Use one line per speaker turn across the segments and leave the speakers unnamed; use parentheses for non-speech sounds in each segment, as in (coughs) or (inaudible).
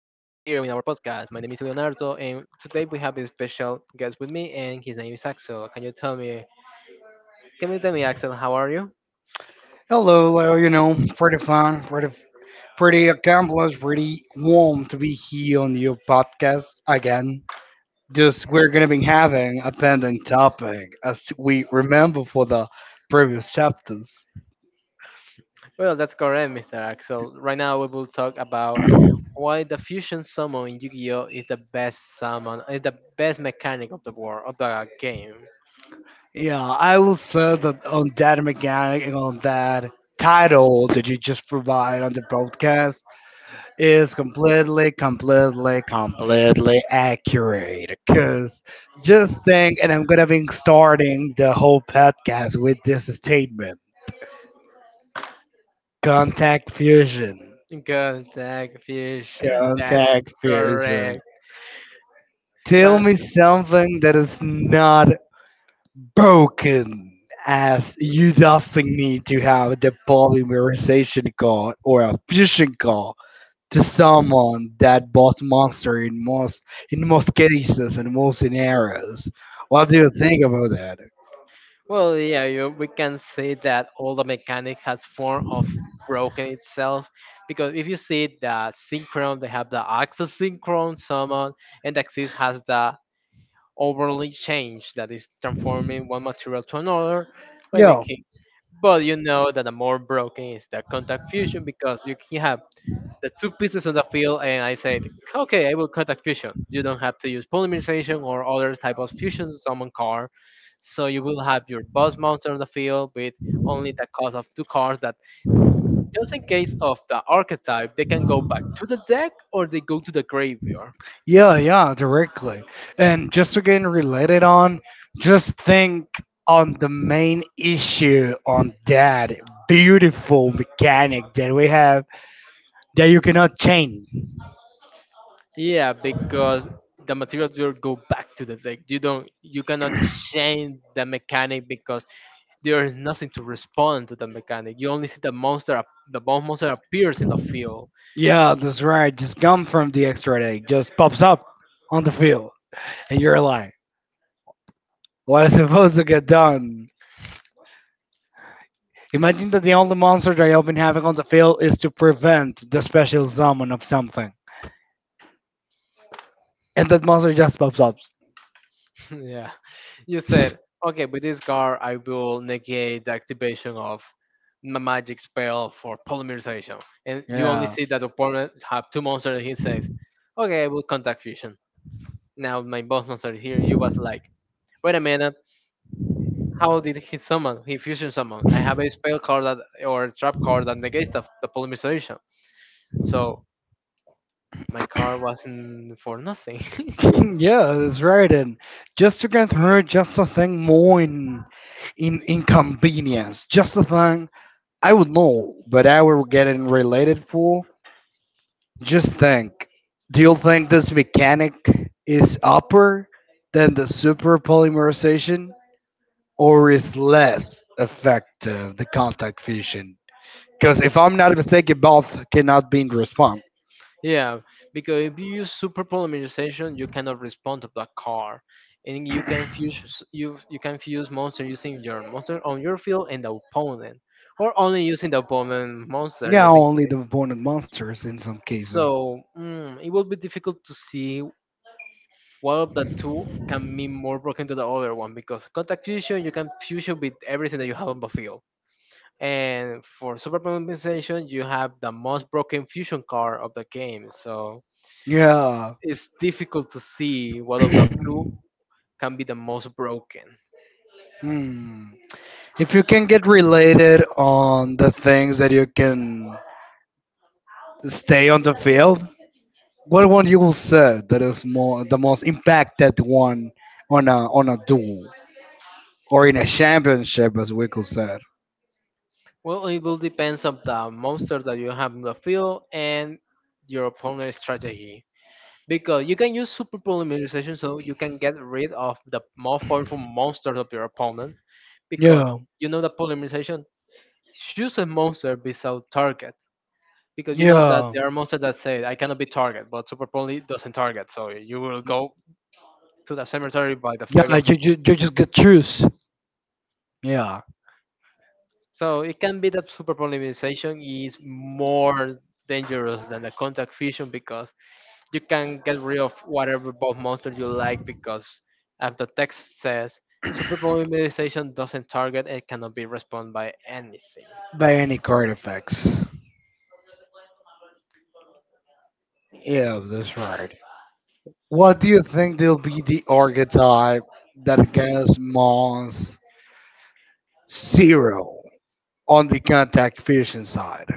in our podcast. My name is Leonardo, and today we have a special guest with me, and his name is Axel. Can you tell me? Can you tell me, Axel, how are you?
Hello, Leo. Pretty fun, pretty accomplished, pretty warm to be here on your podcast again. Just we're gonna be having a pending topic as we remember for the previous chapters.
Well, that's correct, Mr. Axel. Right now, we will talk about why the fusion summon in Yu-Gi-Oh is the best summon, is the best mechanic of the war of the game.
Yeah, I will say that on that mechanic and on that title that you just provide on the podcast, is completely, completely, completely accurate. Because just think, and I'm going to be starting the whole podcast with this statement Contact Fusion.
Good tech fusion. That's
Contact Fusion.
correct.
Tell
Well,
me something that is not broken, as you just need to have the polymerization gun or a fusion gun to summon that boss monster in most cases and most scenarios. What do you think about that?
Yeah, we can say that all the mechanic has form of broken itself, because if you see the synchron, they have the axis synchron summon, and the axis has the overly change that is transforming one material to another by
Yeah,
making. But you know that the more broken is the contact fusion, because you can have the two pieces on the field and I said, okay, I will contact fusion. You don't have to use polymerization or other type of fusion to summon car. So you will have your boss monster on the field with only the cost of two cards that just in case of the archetype, they can go back to the deck or they go to the graveyard.
yeah, yeah, directly. And just to get related on, just think on the main issue on that beautiful mechanic that we have that you cannot change.
Yeah, because the materials will go back to the deck. You cannot change the mechanic because there is nothing to respond to the mechanic. You only see the the boss monster appears in the field.
Yeah, that's right. Just come from the extra deck, just pops up on the field, and you're like, what is supposed to get done? Imagine that the only monster that you've been having on the field is to prevent the special summon of something, and that monster just pops up.
(laughs) yeah. You said, okay, with this card, I will negate the activation of my magic spell for polymerization. And you only
Yeah.
see that opponent
(coughs)
have two monsters. He says, okay, I will contact fusion. Now my boss monster here, you was like, wait a minute. How did he summon? He fusion summon. I have a spell card that, or a trap card that negates the polymerization. So my card wasn't for nothing. (laughs)
(clears throat) yeah, that's right. And just to get through just a thing more in, inconvenience, just a thing I would know, but I will get it related for. Just think, do you think this mechanic is upper than the super polymerization? Or is less effective the contact fusion? Because if I'm not mistaken, both cannot be in respawn.
Yeah, because if you use super polymerization, you cannot respond to black car, and you can you can fuse monster using your monster on your field and the opponent, or only using the opponent monster
Yeah,
using
only
it.
the opponent monsters in some cases.
So it will be difficult to see what of the two can be more broken to the other one, because contact fusion you can fusion with everything that you have on the field. And for super polymerization, you have the most broken fusion card of the game. So
Yeah.
it's difficult to see what of the two can be the most broken.
Hmm. If you can get related on the things that you can stay on the field, what one you will say that is more the most impacted one on a duel or in a championship, as we could say.
Well, it will depends on the monster that you have in the field and your opponent's strategy. Because you can use super polymerization so you can get rid of the most powerful monsters of your opponent. Because
Yeah.
you know that polymerization chooses a monster without target. Because you know that
Yeah.
there are monsters that say I cannot be target, but super poly doesn't target, so you will go to the cemetery by the
Yeah,
figure.
you just get choose. Yeah,
So it can be that superpolymerization is more dangerous than the contact fusion, because you can get rid of whatever both monster you like, because as the text says, superpolymerization doesn't target and cannot be responded by anything.
by any card effects. Yeah, that's right. What do you think will be the archetype that gets Mons zero on the contact fusion side?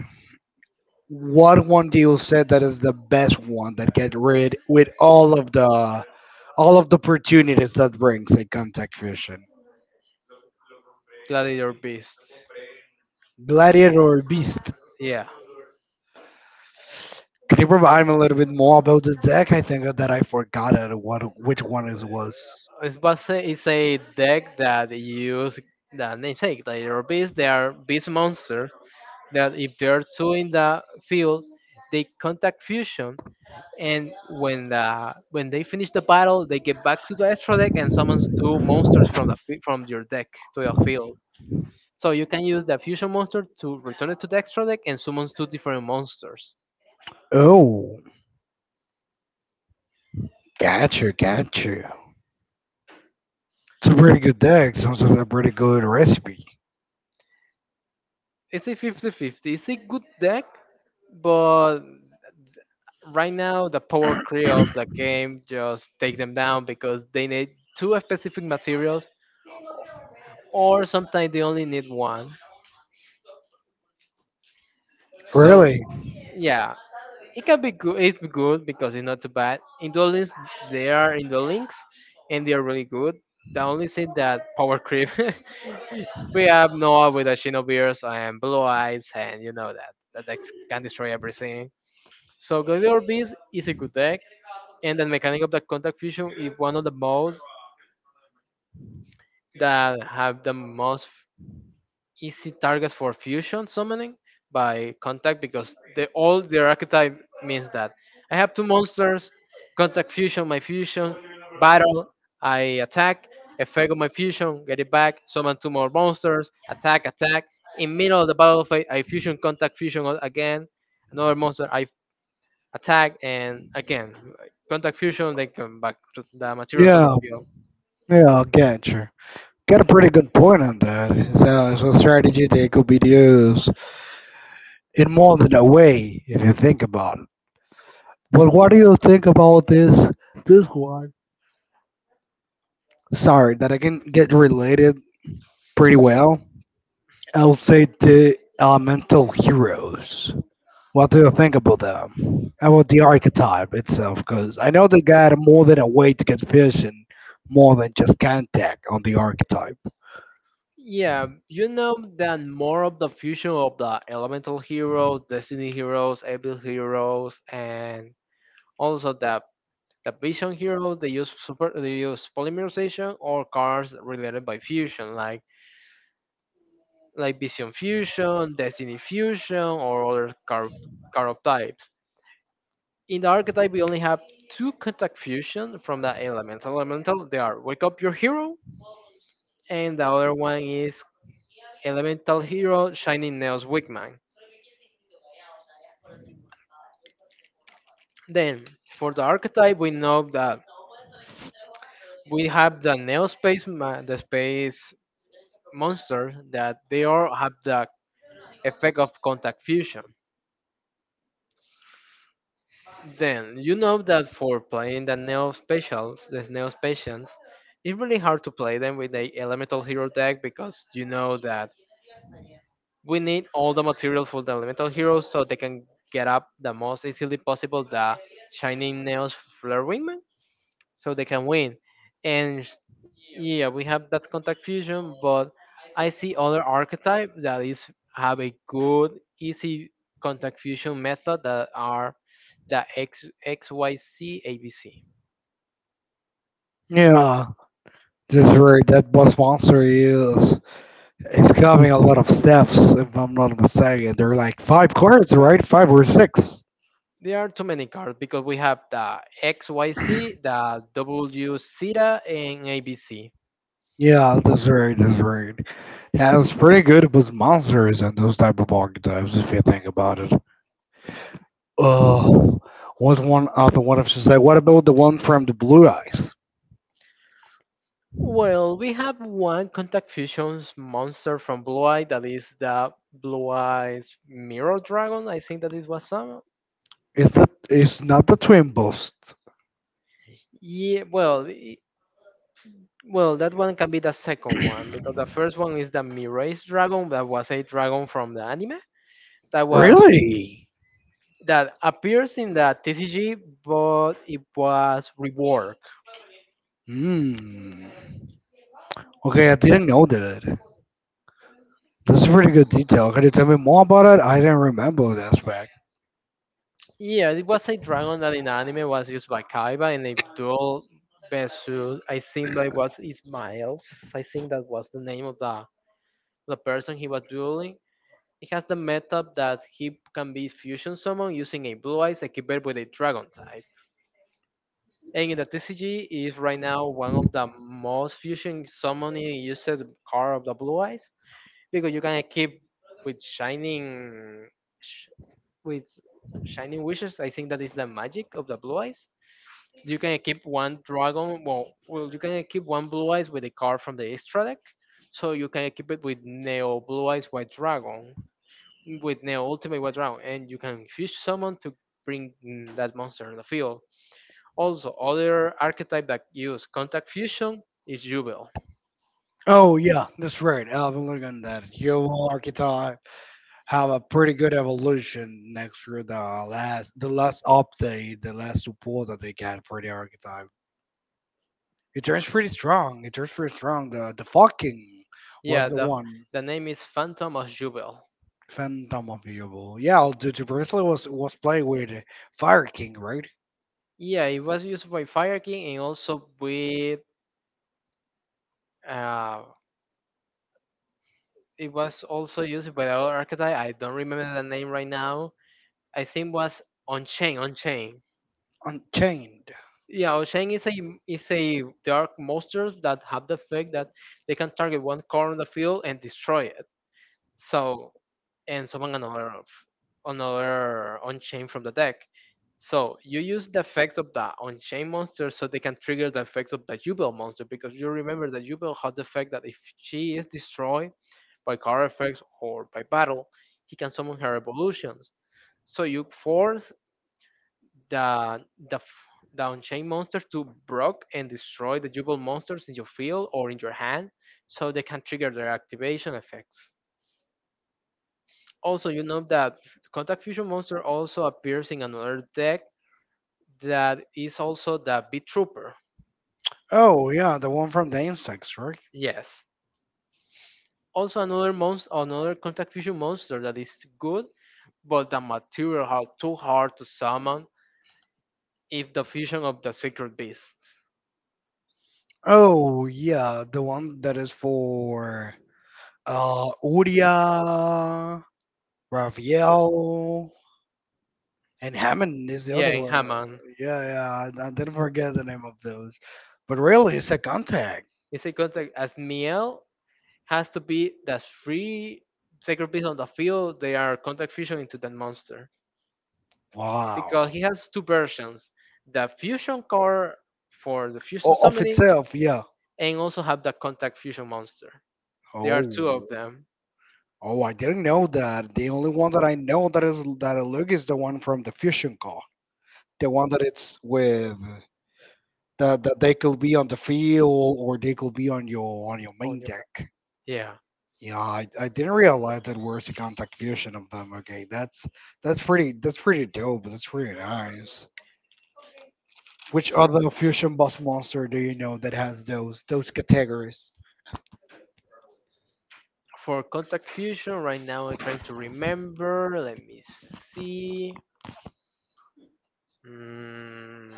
What one do you say that is the best one that get rid with all of the opportunities that brings a contact fusion?
Gladiator Beasts.
Gladiator or Beast?
Yeah.
Can you provide me a little bit more about the deck? I think that I forgot it, what which one it was.
It's, it's a deck that use the namesake, Gladiator Beasts. They are beast monsters that if there are two in the field, they contact fusion, and when they finish the battle, they get back to the extra deck and summons two monsters from from your deck to your field. So you can use the fusion monster to return it to the extra deck and summon two different monsters.
Oh, gotcha, gotcha. It's a pretty good deck. Sounds like a pretty good recipe.
It's a 50-50. It's a good deck, but right now the power creep of the game just take them down because they need two specific materials or sometimes they only need one. So
Really?
yeah, it can be good. It's good because it's not too bad. Indoor links, they are indoor links, and they are really good. The only thing that power creep. (laughs) we have Noah with the Shinobeers and Blue Eyes, and you know that that deck can destroy everything. So Gladiator Beast is a good deck, and the mechanic of the contact fusion is one of the most that have the most easy targets for fusion summoning by contact because they all their archetype means that. I have two monsters, contact fusion, my fusion, battle, I attack, effect of my fusion, get it back, summon two more monsters, attack, attack. In middle of the battle phase, I fusion, again, another monster, I attack and again, contact fusion, they come back to the materials on the
Yeah,
field.
yeah, gotcha. Got a pretty good point on that. It's a strategy that could be used in more than a way if you think about it. But what do you think about this one? Sorry, that I can get related pretty well. I'll say the elemental heroes. What do you think about them? About the archetype itself? Because I know they got more than a way to get vision, more than just contact on the archetype.
Yeah, you know that more of the fusion of the elemental heroes, destiny heroes, evil heroes, and also the vision heroes. They use polymerization or cards related by fusion, like vision fusion, destiny fusion, or other card types. In the archetype, we only have two contact fusion from the elemental. Elemental they are wake up your hero, and the other one is elemental hero shining neos wigman. Then, for the archetype, we know that we have the Neospace, the space monster, that they all have the effect of contact fusion. Then, you know that for playing the Neospatians, it's really hard to play them with the Elemental Hero deck because you know that we need all the material for the Elemental Heroes so they can get up the most easily possible the Shining nails Flare Wingman, so they can win. And yeah, we have that contact fusion, but I see other archetype that is have a good easy contact fusion method that are the XYZ ABC.
Yeah, this very that boss monster is it's coming a lot of steps. If I'm not mistaken, they're like five cards, right? Five or six.
There are too many cards because we have the XYC, the W Zeta, and ABC.
Yeah, that's right. That's right. Yeah, it's pretty good with monsters and those type of archetypes if you think about it. Uh, what's one other one? If you say, what about the one from the Blue Eyes?
Well, we have one contact fusions monster from Blue Eye that is the Blue Eye's Mirror Dragon. I think that it was some.
It's not the twin boost.
Yeah, well, well, that one can be the second one because the first one is the Mirage Dragon. That was a dragon from the anime that was
Really?
that appears in the TCG, but it was reworked.
Hmm. Okay, I didn't know that. That's a pretty good detail. Could you tell me more about it? I didn't remember that aspect.
Yeah, it was a dragon that in the anime was used by Kaiba in a duel versus. I think that was Ismael's. I think that was the name of the person he was dueling. It has the method that he can be fusion summon using a blue eyes equipped with a dragon. And in the TCG is right now one of the most fusion summoning used card of the Blue Eyes because you can keep with sh- with shining wishes. I think that is the magic of the Blue Eyes. You can keep one dragon. You can keep one Blue Eyes with a card from the extra deck, so you can keep it with Neo Blue Eyes White Dragon with Neo Ultimate White Dragon, and you can fish summon to bring that monster on the field. Also, other archetype that use contact fusion is Jubel.
Oh yeah, that's right. I've been looking at that. Your archetype have a pretty good evolution next to the last update, the last support that they got for the archetype. It turns pretty strong. It turns pretty strong. The fucking
Yeah,
was the one.
the name is Phantom of Jubel.
Phantom of the Opal. Yeah, the bracelet was played with Fire King, right?
Yeah, it was used by Fire King and also with uh, it was also used by the other archetype. I don't remember the name right now. I think was Unchained. Unchained.
Unchained.
Yeah, Unchained is a dark monster that have the effect that they can target one card on the field and destroy it. So, and summon another Unchained from the deck. So you use the effects of the Unchained monster so they can trigger the effects of the Jubel monster because you remember that Jubel has the effect that if she is destroyed by card effects or by battle, he can summon her evolutions. So you force the the f- the Unchained monsters to block and destroy the Jubel monsters in your field or in your hand so they can trigger their activation effects. Also, you know that Contact Fusion Monster also appears in another deck that is also the Beat Trooper.
Oh yeah, the one from the insects, right?
Yes. Also another monster, another Contact Fusion Monster that is good, but the material are too hard to summon if the fusion of the Secret Beast.
Oh yeah, the one that is for Uria, Raphael, and Hammond is the
Yeah,
other
in
one.
Haman.
Yeah, yeah, I didn't forget the name of those. But really, it's a contact.
It's a contact as Miel has to be the 3 Sacred Beasts on the field. They are contact fusion into that monster,
Wow.
because he has two versions, the fusion core for the fusion
Of
summoning,
itself, yeah.
and also have the contact fusion monster. There are two
Oh.
of them
Oh, I didn't know that. The only one that I know that is that I look is the one from the fusion car, the one that it's with that they could be on the field or they could be on your
on
main
your.
deck.
Yeah,
Yeah, I didn't realize that was a contact fusion of them. Okay, that's pretty dope. That's pretty nice. Which other fusion boss monster do you know that has those categories?
for contact fusion right now I'm trying to remember, let me see. Mm,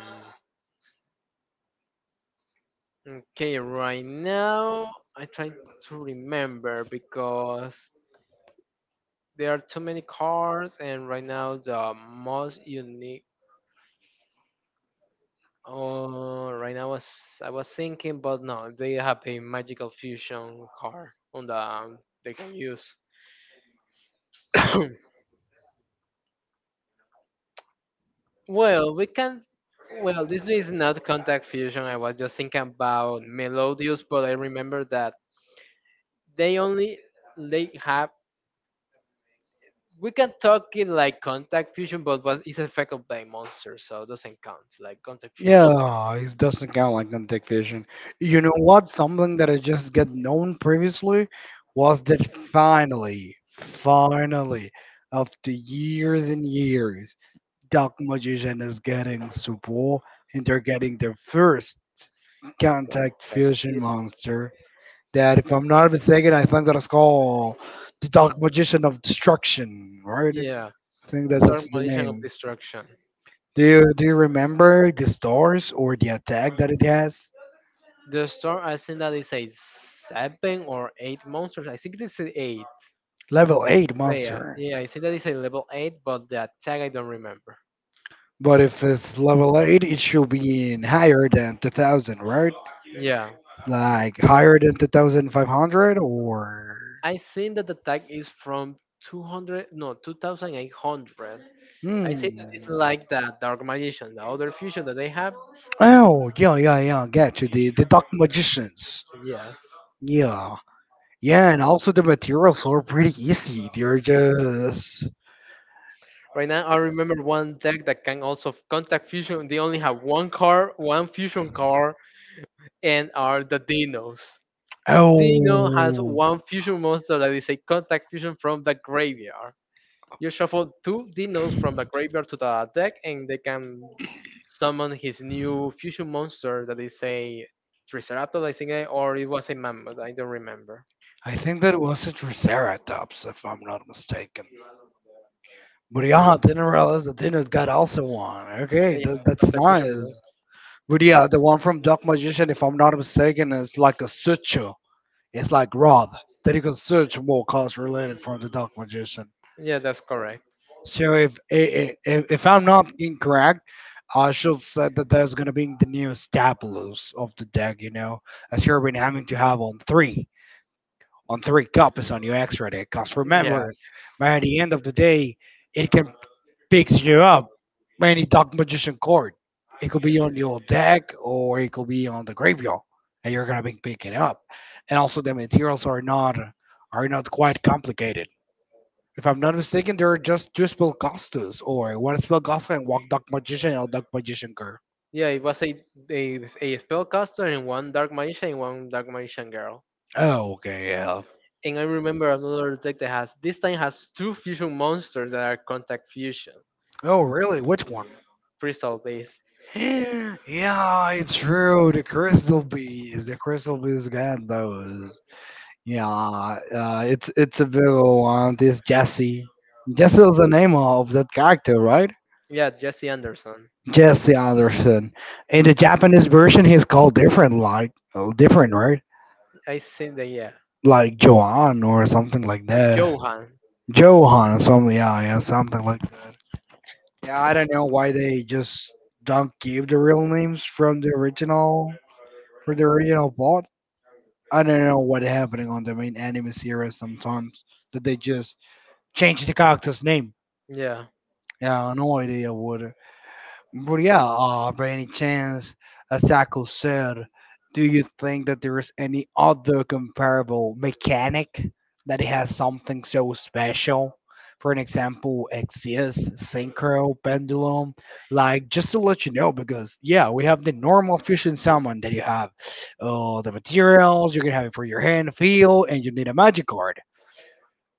okay right now I'm trying to remember because there are too many cards and right now the most unique. Oh, right now I was thinking, but no, they have a magical fusion car on the they can use. (coughs) Well, we can. Well, this is not contact fusion. I was just thinking about Melodius, but I remember that they only they have. We can talk it like contact fusion, but was it's affected by monster, so it doesn't count. Like contact fusion,
Yeah, it doesn't count like non-tech vision. You know what? Something that I just get known previously was that finally, finally, after years and years, Dark Magician is getting support and they're getting their first contact
like yeah,
fusion monster. That, if I'm not mistaken, I think that is called the Dark Magician of Destruction, right? I
yeah,
think that
Dark
that's the
Magician of
name.
Destruction.
Do you remember the stores or the attack that it has?
The storm. I think that is a seven or eight monsters. I think it's an eight
Level eight
player.
monster.
Yeah, I think that is a level 8, but the attack I don't remember.
But if it's level eight, it should be in higher than 2,000, right?
Yeah,
Like higher than 2,500 or
I think that the attack is from 200, no, 2,800. I
hmm.
think it's like the Dark Magician, the other fusion that they have.
Oh yeah yeah yeah. Get you the dark magicians.
Yes.
Yeah. Yeah, and also the materials are pretty easy. They're just.
Right now, I remember one deck that can also contact fusion. They only have one card, one fusion card, and are the Dinos. Dino has
Oh,
one fusion monster that is a contact fusion from the graveyard. You shuffle two Dinos from the graveyard to the deck, and they can summon his new fusion monster that is a Triceratops, I think, or it was a Mammoth, I don't remember.
I think that was a Triceratops, if I'm not mistaken. But yeah, didn't realize that Dino's got also one. Okay,
Yeah, yeah,
that's
contact fusion mon-
nice. But yeah, the one from Dark Magician, if I'm not mistaken, is like a suture. It's like rod that you can search more cards related from the Dark Magician.
yeah, that's correct.
So if I'm not incorrect, I should say that there's gonna be the new Stabulos of the deck. You know, as you've been having to have on three. On three copies on your extra deck. Because remember,
Yes.
by the end of the day, it can picks you up any Dark Magician card. It could be on your deck or it could be on the graveyard, and you're gonna be picking it up. And also, the materials are not quite complicated. If I'm not mistaken, there are just two spell costos, or one spell cost and one Dark Magician or Dark Magician card.
Yeah, it was a, a spellcaster and one Dark Magician and one Dark Magician girl.
Oh, okay, yeah.
And I remember another deck that has this time has two fusion monsters that are contact fusion,
Oh, really? Which one?
crystal based.
(gasps) Yeah, it's true. The crystal bees. The crystal bees got those. Yeah, it's a big old one. This Jesse. Jesse is the name of that character, right?
Yeah, Jesse Anderson.
Jesse Anderson. In the Japanese version, he's called different, like different, right?
I think that yeah.
Like Johan or something like
That's
that.
Johan.
Johan, or something. Yeah, yeah, something like that. Yeah, I don't know why they just don't give the real names from the original for the original plot. I don't know what happening on the main anime series sometimes that they just change the character's name.
Yeah.
Yeah, I have no idea what but yeah, by any chance, as Taco said, do you think that there is any other comparable mechanic that it has something so special? For an example, Exis, Synchro, Pendulum. Like, just to let you know, because yeah, we have the normal fusion summon that you have the materials, you're gonna have it for your hand, feel, and you need a magic card.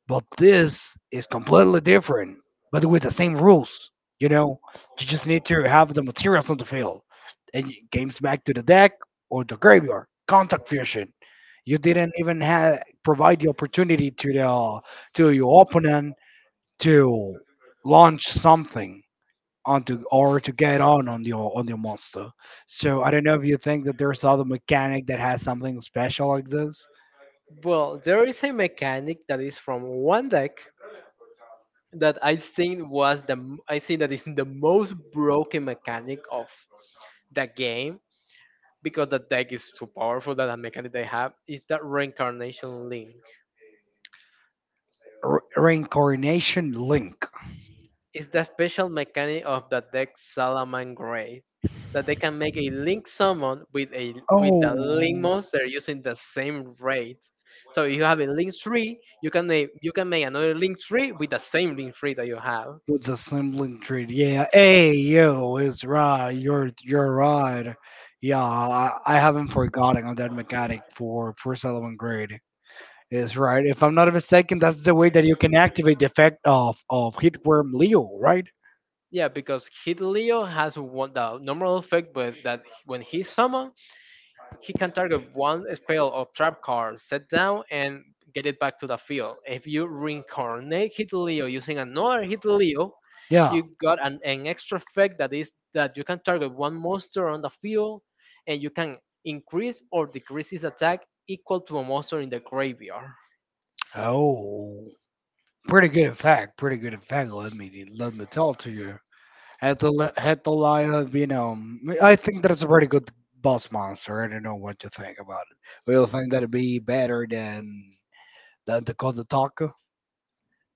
But this is completely different, but with the same rules. You know, you just need to have the materials on the field, and games back to the deck or the graveyard. Contact fusion. You didn't even provide the opportunity to your opponent to launch something onto or to get on your monster. So I don't know if you think that there's other mechanic that has something special like this.
Well, there is a mechanic that is from one deck that I think I think that is the most broken mechanic of the game because the deck is too powerful that the mechanic they have is that reincarnation link.
Reincarnation link.
Is the special mechanic of the deck Salaman Grace that they can make a link summon with the link
Oh.
monster using the same rate. So if you have a link 3, you can make another link 3 with the same link 3 that you have.
With the Sundling trade, yeah. Hey, yo, it's Rod. You're Rod. Yeah, I haven't forgotten on that mechanic for Solomon Grade. Is right. If I'm not mistaken, that's the way that you can activate the effect of Hitworm Leo, right?
Yeah, because Hit Leo has one, the normal effect, but that when he summon, he can target one spell of trap card, set down, and get it back to the field. If you reincarnate Hit Leo using another Hit Leo,
Yeah.
you got an extra effect that is that you can target one monster on the field and you can increase or decrease its attack equal to a monster in the graveyard.
Oh, pretty good effect. Pretty good effect. Let me tell to you. Hetalia Venom. I think that's a pretty good boss monster. I don't know what you think about it. Do you think that'd be better than Dakota Taco?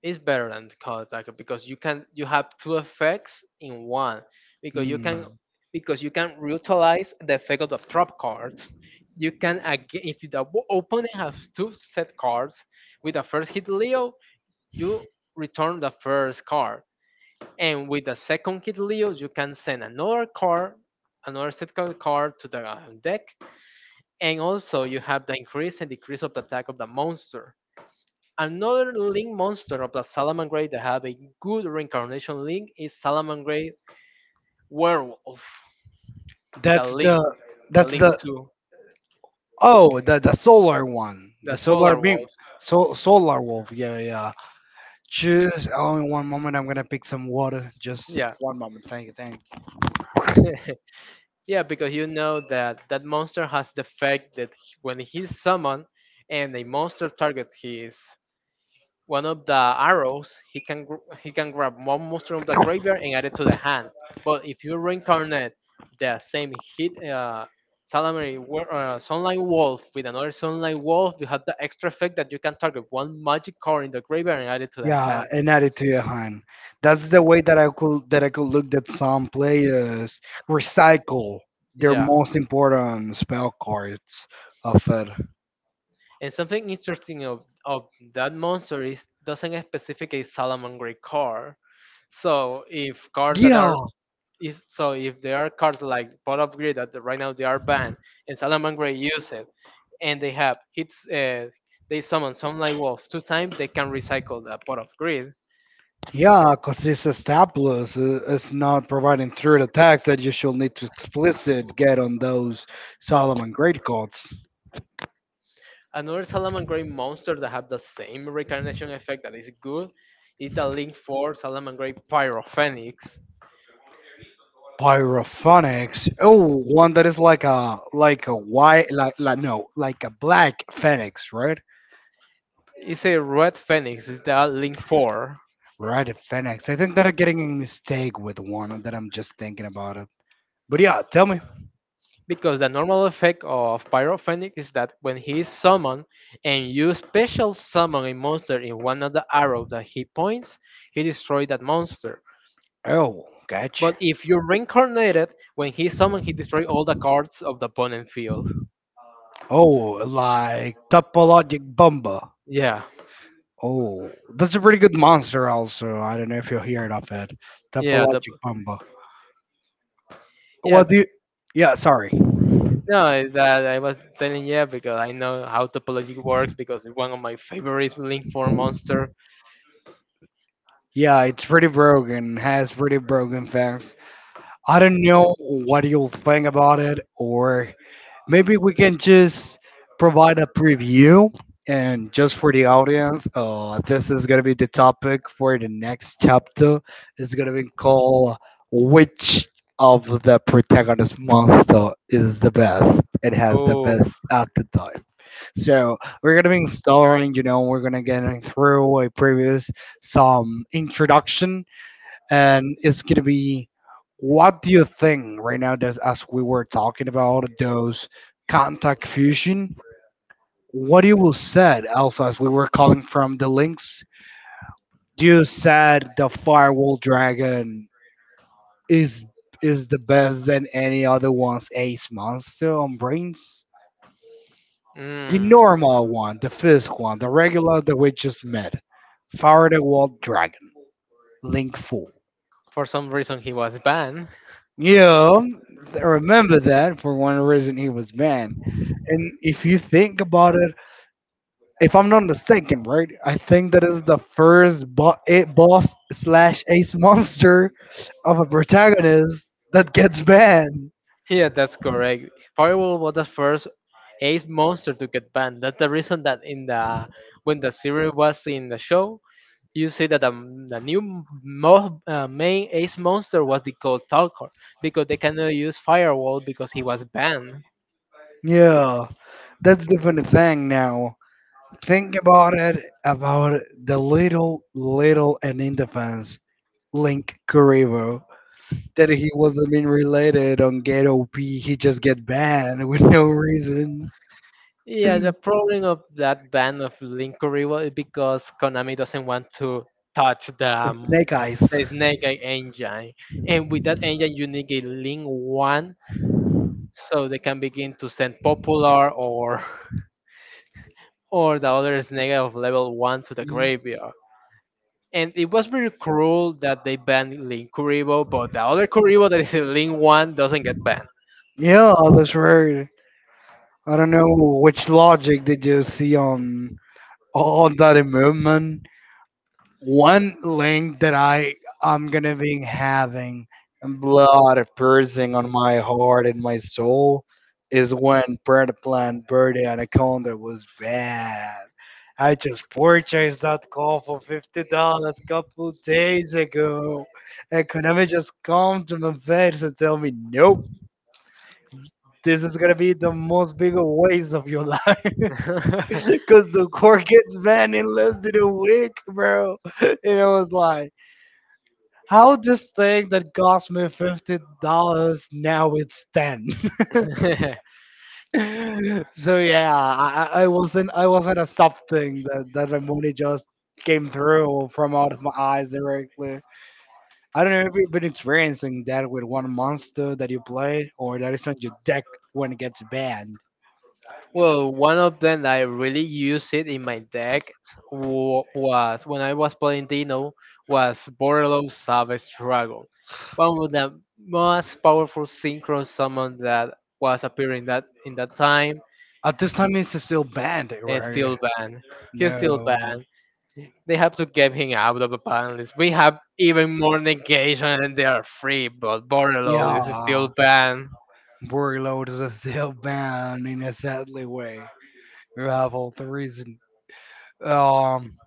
It's better than the color attacker because you have two effects in one because you can
Hmm.
because you can utilize the effect of the trap cards. You can again if the opponent has two set cards with the first Hit Leo, you return the first card, and with the second Hit Leo, you can send another card, another set card to the deck, and also you have the increase and decrease of the attack of the monster. Another link monster of the Salamangreat that have a good reincarnation link is Salamangreat Werewolf. The
That's
link,
the
the
that's
link
the
to
the solar one. The
the
solar
Solar
beam.
Wolf.
So solar wolf. Yeah, yeah. Choose only one moment. I'm gonna pick some water. Just
Yeah,
one moment. Thank you. Thank you.
(laughs) yeah, because you know that that monster has the fact that when he's summoned and a monster target his one of the arrows he can he can grab one monster from the graveyard and add it to the hand. But if you reincarnate the same Sunlight Wolf with another Sunlight Wolf, you have the extra effect that you can target one magic card in the graveyard and add it to the
Yeah,
hand.
and add it to your hand. That's the way that I could look that some players recycle their
Yeah.
most important spell cards of it.
And something interesting of that monster is doesn't specificate Salamangreat card. So if cards that
Yeah,
are so if there are cards like pot of greed that right now they are banned, and salamangre use it, and they have hits they summon sunlight wolf two times, they can recycle the pot of greed.
yeah, because this established is not providing through the text that you should need to explicit get on those Solomon Great cards.
Another salamangre monster that have the same reincarnation effect that is good is the link 4 Salamangre Pyro Phoenix.
Pyrophonics. Oh, one that is like a white like no like a black phoenix, right?
It's a red phoenix. It's the link 4
Right at Phoenix. I think that I'm getting a mistake with one that I'm just thinking about it. But yeah, tell me.
because the normal effect of Pyrophoenix is that when he is summoned and you special summon a monster in one of the arrows that he points, he destroys that monster.
Oh, gotcha.
But if you reincarnate it, when he summons, he destroys all the cards of the opponent field.
Oh, like Topologic Bomba.
Yeah,
Oh, that's a pretty good monster also. I don't know if you'll hear it of it.
yeah, the
Topologic Bomba.
yeah.
What do you... Yeah, sorry.
No, it's that I was saying yeah because I know how topology works because it's one of my favorites Link 4 monster.
Yeah, it's pretty broken. Has pretty broken things. I don't know what you'll think about it, or maybe we can just provide a preview and just for the audience, this is gonna be the topic for the next chapter. It's gonna be called which of the protagonist monster is the best? It has the
Oh,
best at the time. So we're gonna be starting, you know, we're gonna get through a previous some introduction, and it's gonna be what do you think right now that's as we were talking about those contact fusion, what you will said also as we were calling from the links, you said the firewall dragon is is the best than any other one's ace monster on brains,
mm.
the normal one, the first one, the regular that we just met, Faraday wall dragon, link 4.
For some reason he was banned.
Yeah, remember that for one reason he was banned. And if you think about it, if I'm not mistaken, right? I think that is the first boss slash ace monster of a protagonist that gets banned.
Yeah, that's correct. Firewall was the first ace monster to get banned. That's the reason that in the when the series was in the show, you see that the new main ace monster was the Cold Talker because they cannot use Firewall because he was banned.
Yeah, that's the funny thing now. Think about it about the little, little, and in defense Link Kuribo, that he wasn't being related on Ghetto P. He just get banned (laughs) with no reason.
Yeah, the problem of that ban of Linkuri was because Konami doesn't want to touch the, um,
Snake Eyes.
the Snake Eye engine, and with that engine you need a Link 1 so they can begin to send popular or (laughs) or the other snake of level 1 to the
Mhm.
graveyard. And it was very cruel that they banned Link Kuribo, but the other Kuribo that is in Link 1 doesn't get banned.
Yeah, that's right. I don't know which logic did you see on that movement. One link that I'm gonna be having blood piercing on my heart and my soul is when Bird Plan Bird Anaconda was bad. I just purchased that call for $50 a couple of days ago. And Konami just come to my face and tell me, nope, this is gonna be the most bigger waste of your life. (laughs)
(laughs)
Cause the core gets banned in less than a week, bro. (laughs) And I was like, how this thing that cost me $50 now it's ten. (laughs) So yeah, I wasn't I wasn't accepting that my money just came through from out of my eyes directly. I don't know if you've been experiencing that with one monster that you played or that is on your deck when it gets banned.
Well, one of them that I really used it in my deck was when I was playing Dino was Borderlord Savage Dragon, one of the most powerful synchro summon that was appearing that in that time
At this time, it's still banned,
and
right?
still banned. He's still
No.
banned. They have to get him out of the ban list. We have even more negation and they are free, but
Yeah,
Borderlord is still banned.
Warlord is still banned in a sadly way. You have all the reason. Um,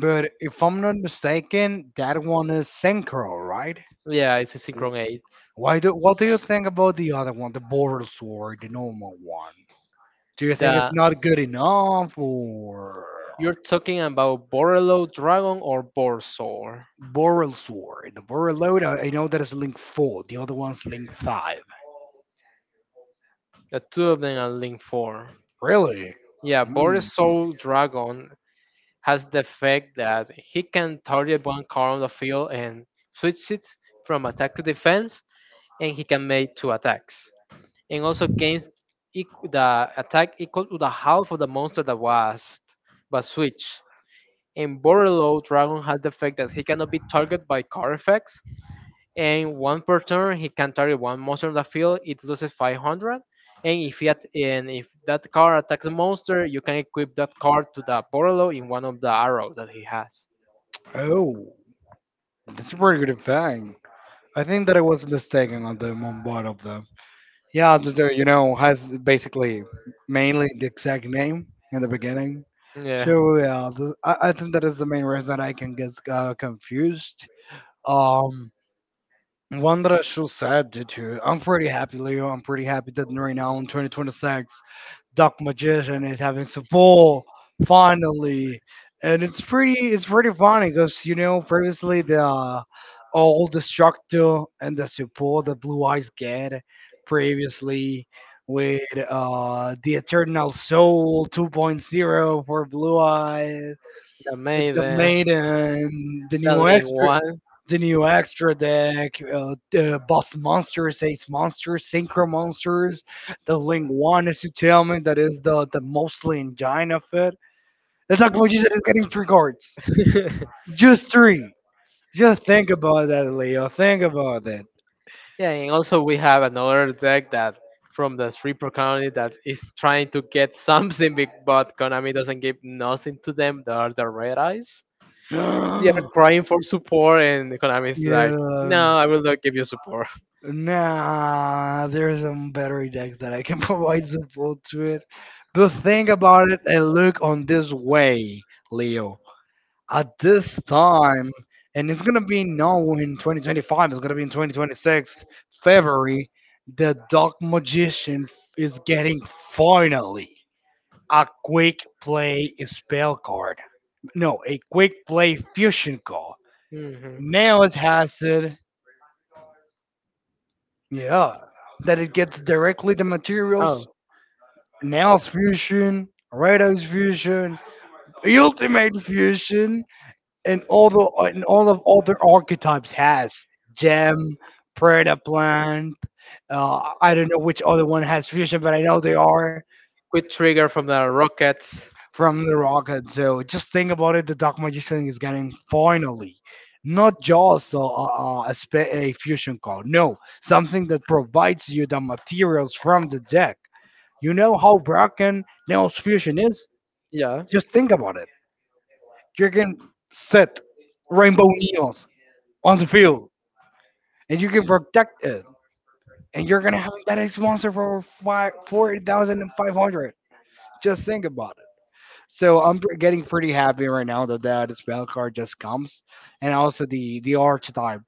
But if I'm not mistaken, that one is synchro, right?
Yeah, it's a Synchron 8.
Why do what do you think about the other one, the border sword, the normal one? Do you think it's
The,
not good enough, or
you're talking about Borderlord Dragon or Borzor.
Boral Sword? The Boral Load, I know that is Link 4, the other one's Link 5.
The two of them are Link 4.
Really?
Yeah,
Mm.
Borzor Dragon has the effect that he can target one card on the field and switch it from attack to defense, and he can make two attacks. And also gains the attack equal to the half of the monster that was switched. In Borrelo, Dragon has the effect that he cannot be targeted by card effects, and one per turn he can target one monster on the field. It loses 500, and if that card attacks a monster, you can equip that card to the Borrelo in one of the arrows that he has.
Oh, that's a pretty good thing. I think that I was mistaken on the on both of them. Yeah, you know, has basically mainly the exact name in the beginning.
Yeah,
So yeah, I think that is the main reason that I can get confused. Um, One that I should said due to, I'm pretty happy, Leo. I'm pretty happy that right now in 2026 Duck Magician is having some pull finally, and it's pretty funny because you know previously the old Destructo and the support that Blue Eyes get previously with the Eternal Soul 2.0 for Blue Eyes,
the
the
Maiden,
Maiden,
the Link one.
the new extra deck, the Boss Monsters, Ace Monsters, Synchro Monsters, the Link One, as you tell me, that is the mostly engine of it. It's like what you said, it's getting three cards.
(laughs)
Just three. Just think about that, Leo. Think about that.
Yeah, and also we have another deck that from the three pro County that is trying to get (laughs) something, big, but Konami doesn't give nothing to them. They are the red eyes. They are
(gasps)
crying for support, and Konami is like,
yeah.
"No, I will not give you support."
Nah, there's some battery decks that I can (laughs) provide support to it. But think about it and look on this way, Leo. At this time, and it's gonna be now in 2025. It's gonna be in 2026, February. The Dark Magician is getting finally a quick play spell card. No, a quick play fusion card.
(laughs) Hmm.
Now it has it. Yeah, that it gets directly the
Oh,
materials. Nails fusion, Rados fusion, Ultimate fusion, and all of all their archetypes has gem predator plant, I don't know which other one has fusion but I know they are
quick trigger from the rockets.
from the rocket. So just think about it, the dark magician is getting finally not just a fusion card, no, something that provides you the materials from the deck. You know how broken neos fusion is.
Yeah.
Just think about it, you can set rainbow neos on the field and you can protect it. And you're gonna have that X monster for 5, 4,500. Just think about it. So I'm getting pretty happy right now that that spell card just comes, and also the archetype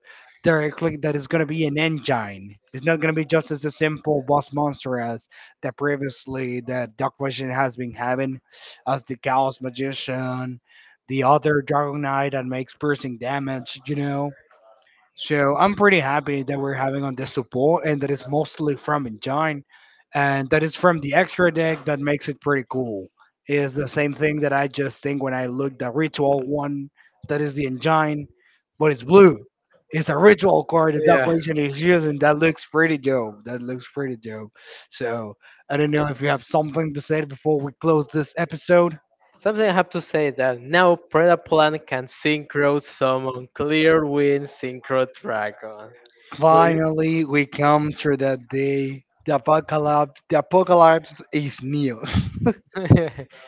directly that is gonna be an engine. It's not gonna be just as a simple boss monster as that previously that Dark Vision has been having, as the Chaos Magician, the other Dragon Knight that makes piercing damage. You know, so I'm pretty happy that we're having on this support, and that is mostly from Engine, and that is from the extra deck that makes it pretty cool. Is the same thing that I just think when I looked at Ritual one, that is the Engine, but it's blue. It's a ritual card that Duck
Yeah.
Nation is using. That looks pretty dope. That looks pretty dope. So I don't know if you have something to say before we close this episode.
Something I have to say that now Predaplan can synchro summon Clear Wind Synchro Dragon. With-
Finally, we come to the day. The apocalypse is near.
(laughs)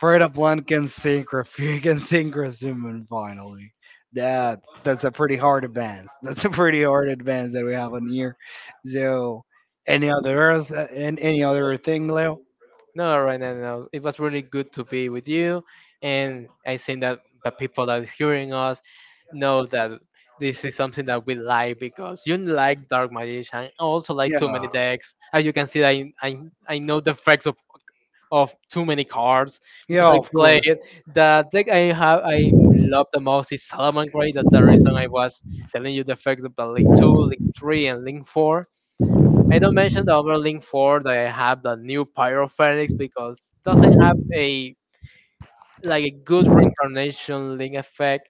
Freda Blunt can sing, Rafi (laughs) can sing Razuman finally. That that's a pretty hard advance. (laughs) That's a pretty hard advance that we have on here. So, any other any other thing, Leo?
no, right now, no. It was really good to be with you, and I think that the people that is hearing us know that this is something that we like because you like Dark Magician, I also like Too
Yeah,
Many Decks. As you can see, I know the facts of too many cards
yeah,
because I
of
play
course.
it. The deck I have I love the most is Salaman. That's the reason I was telling you the effects of the Link 2, Link 3, and Link 4. I don't mention the other Link 4 that I have the new Pyro Phoenix because doesn't have a like a good reincarnation link effect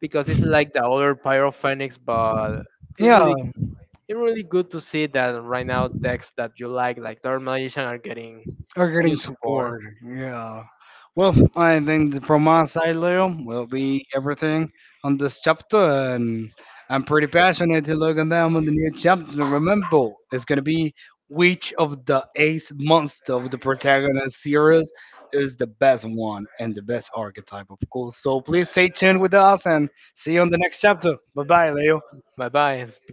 because it's like the other Pyro Phoenix, but it's yeah.
Yeah,
really it's really good to see that right now decks that you like Dark Magician, are getting
are
new
getting
support.
support. Yeah. Well, I think that from my side, Leo, will be everything on this chapter, and I'm pretty passionate to look at them on the new chapter. Remember, it's gonna be which of the ace monster of the protagonist series is the best one and the best archetype, of course. So please stay tuned with us and see you on the next chapter. Bye bye, Leo.
Bye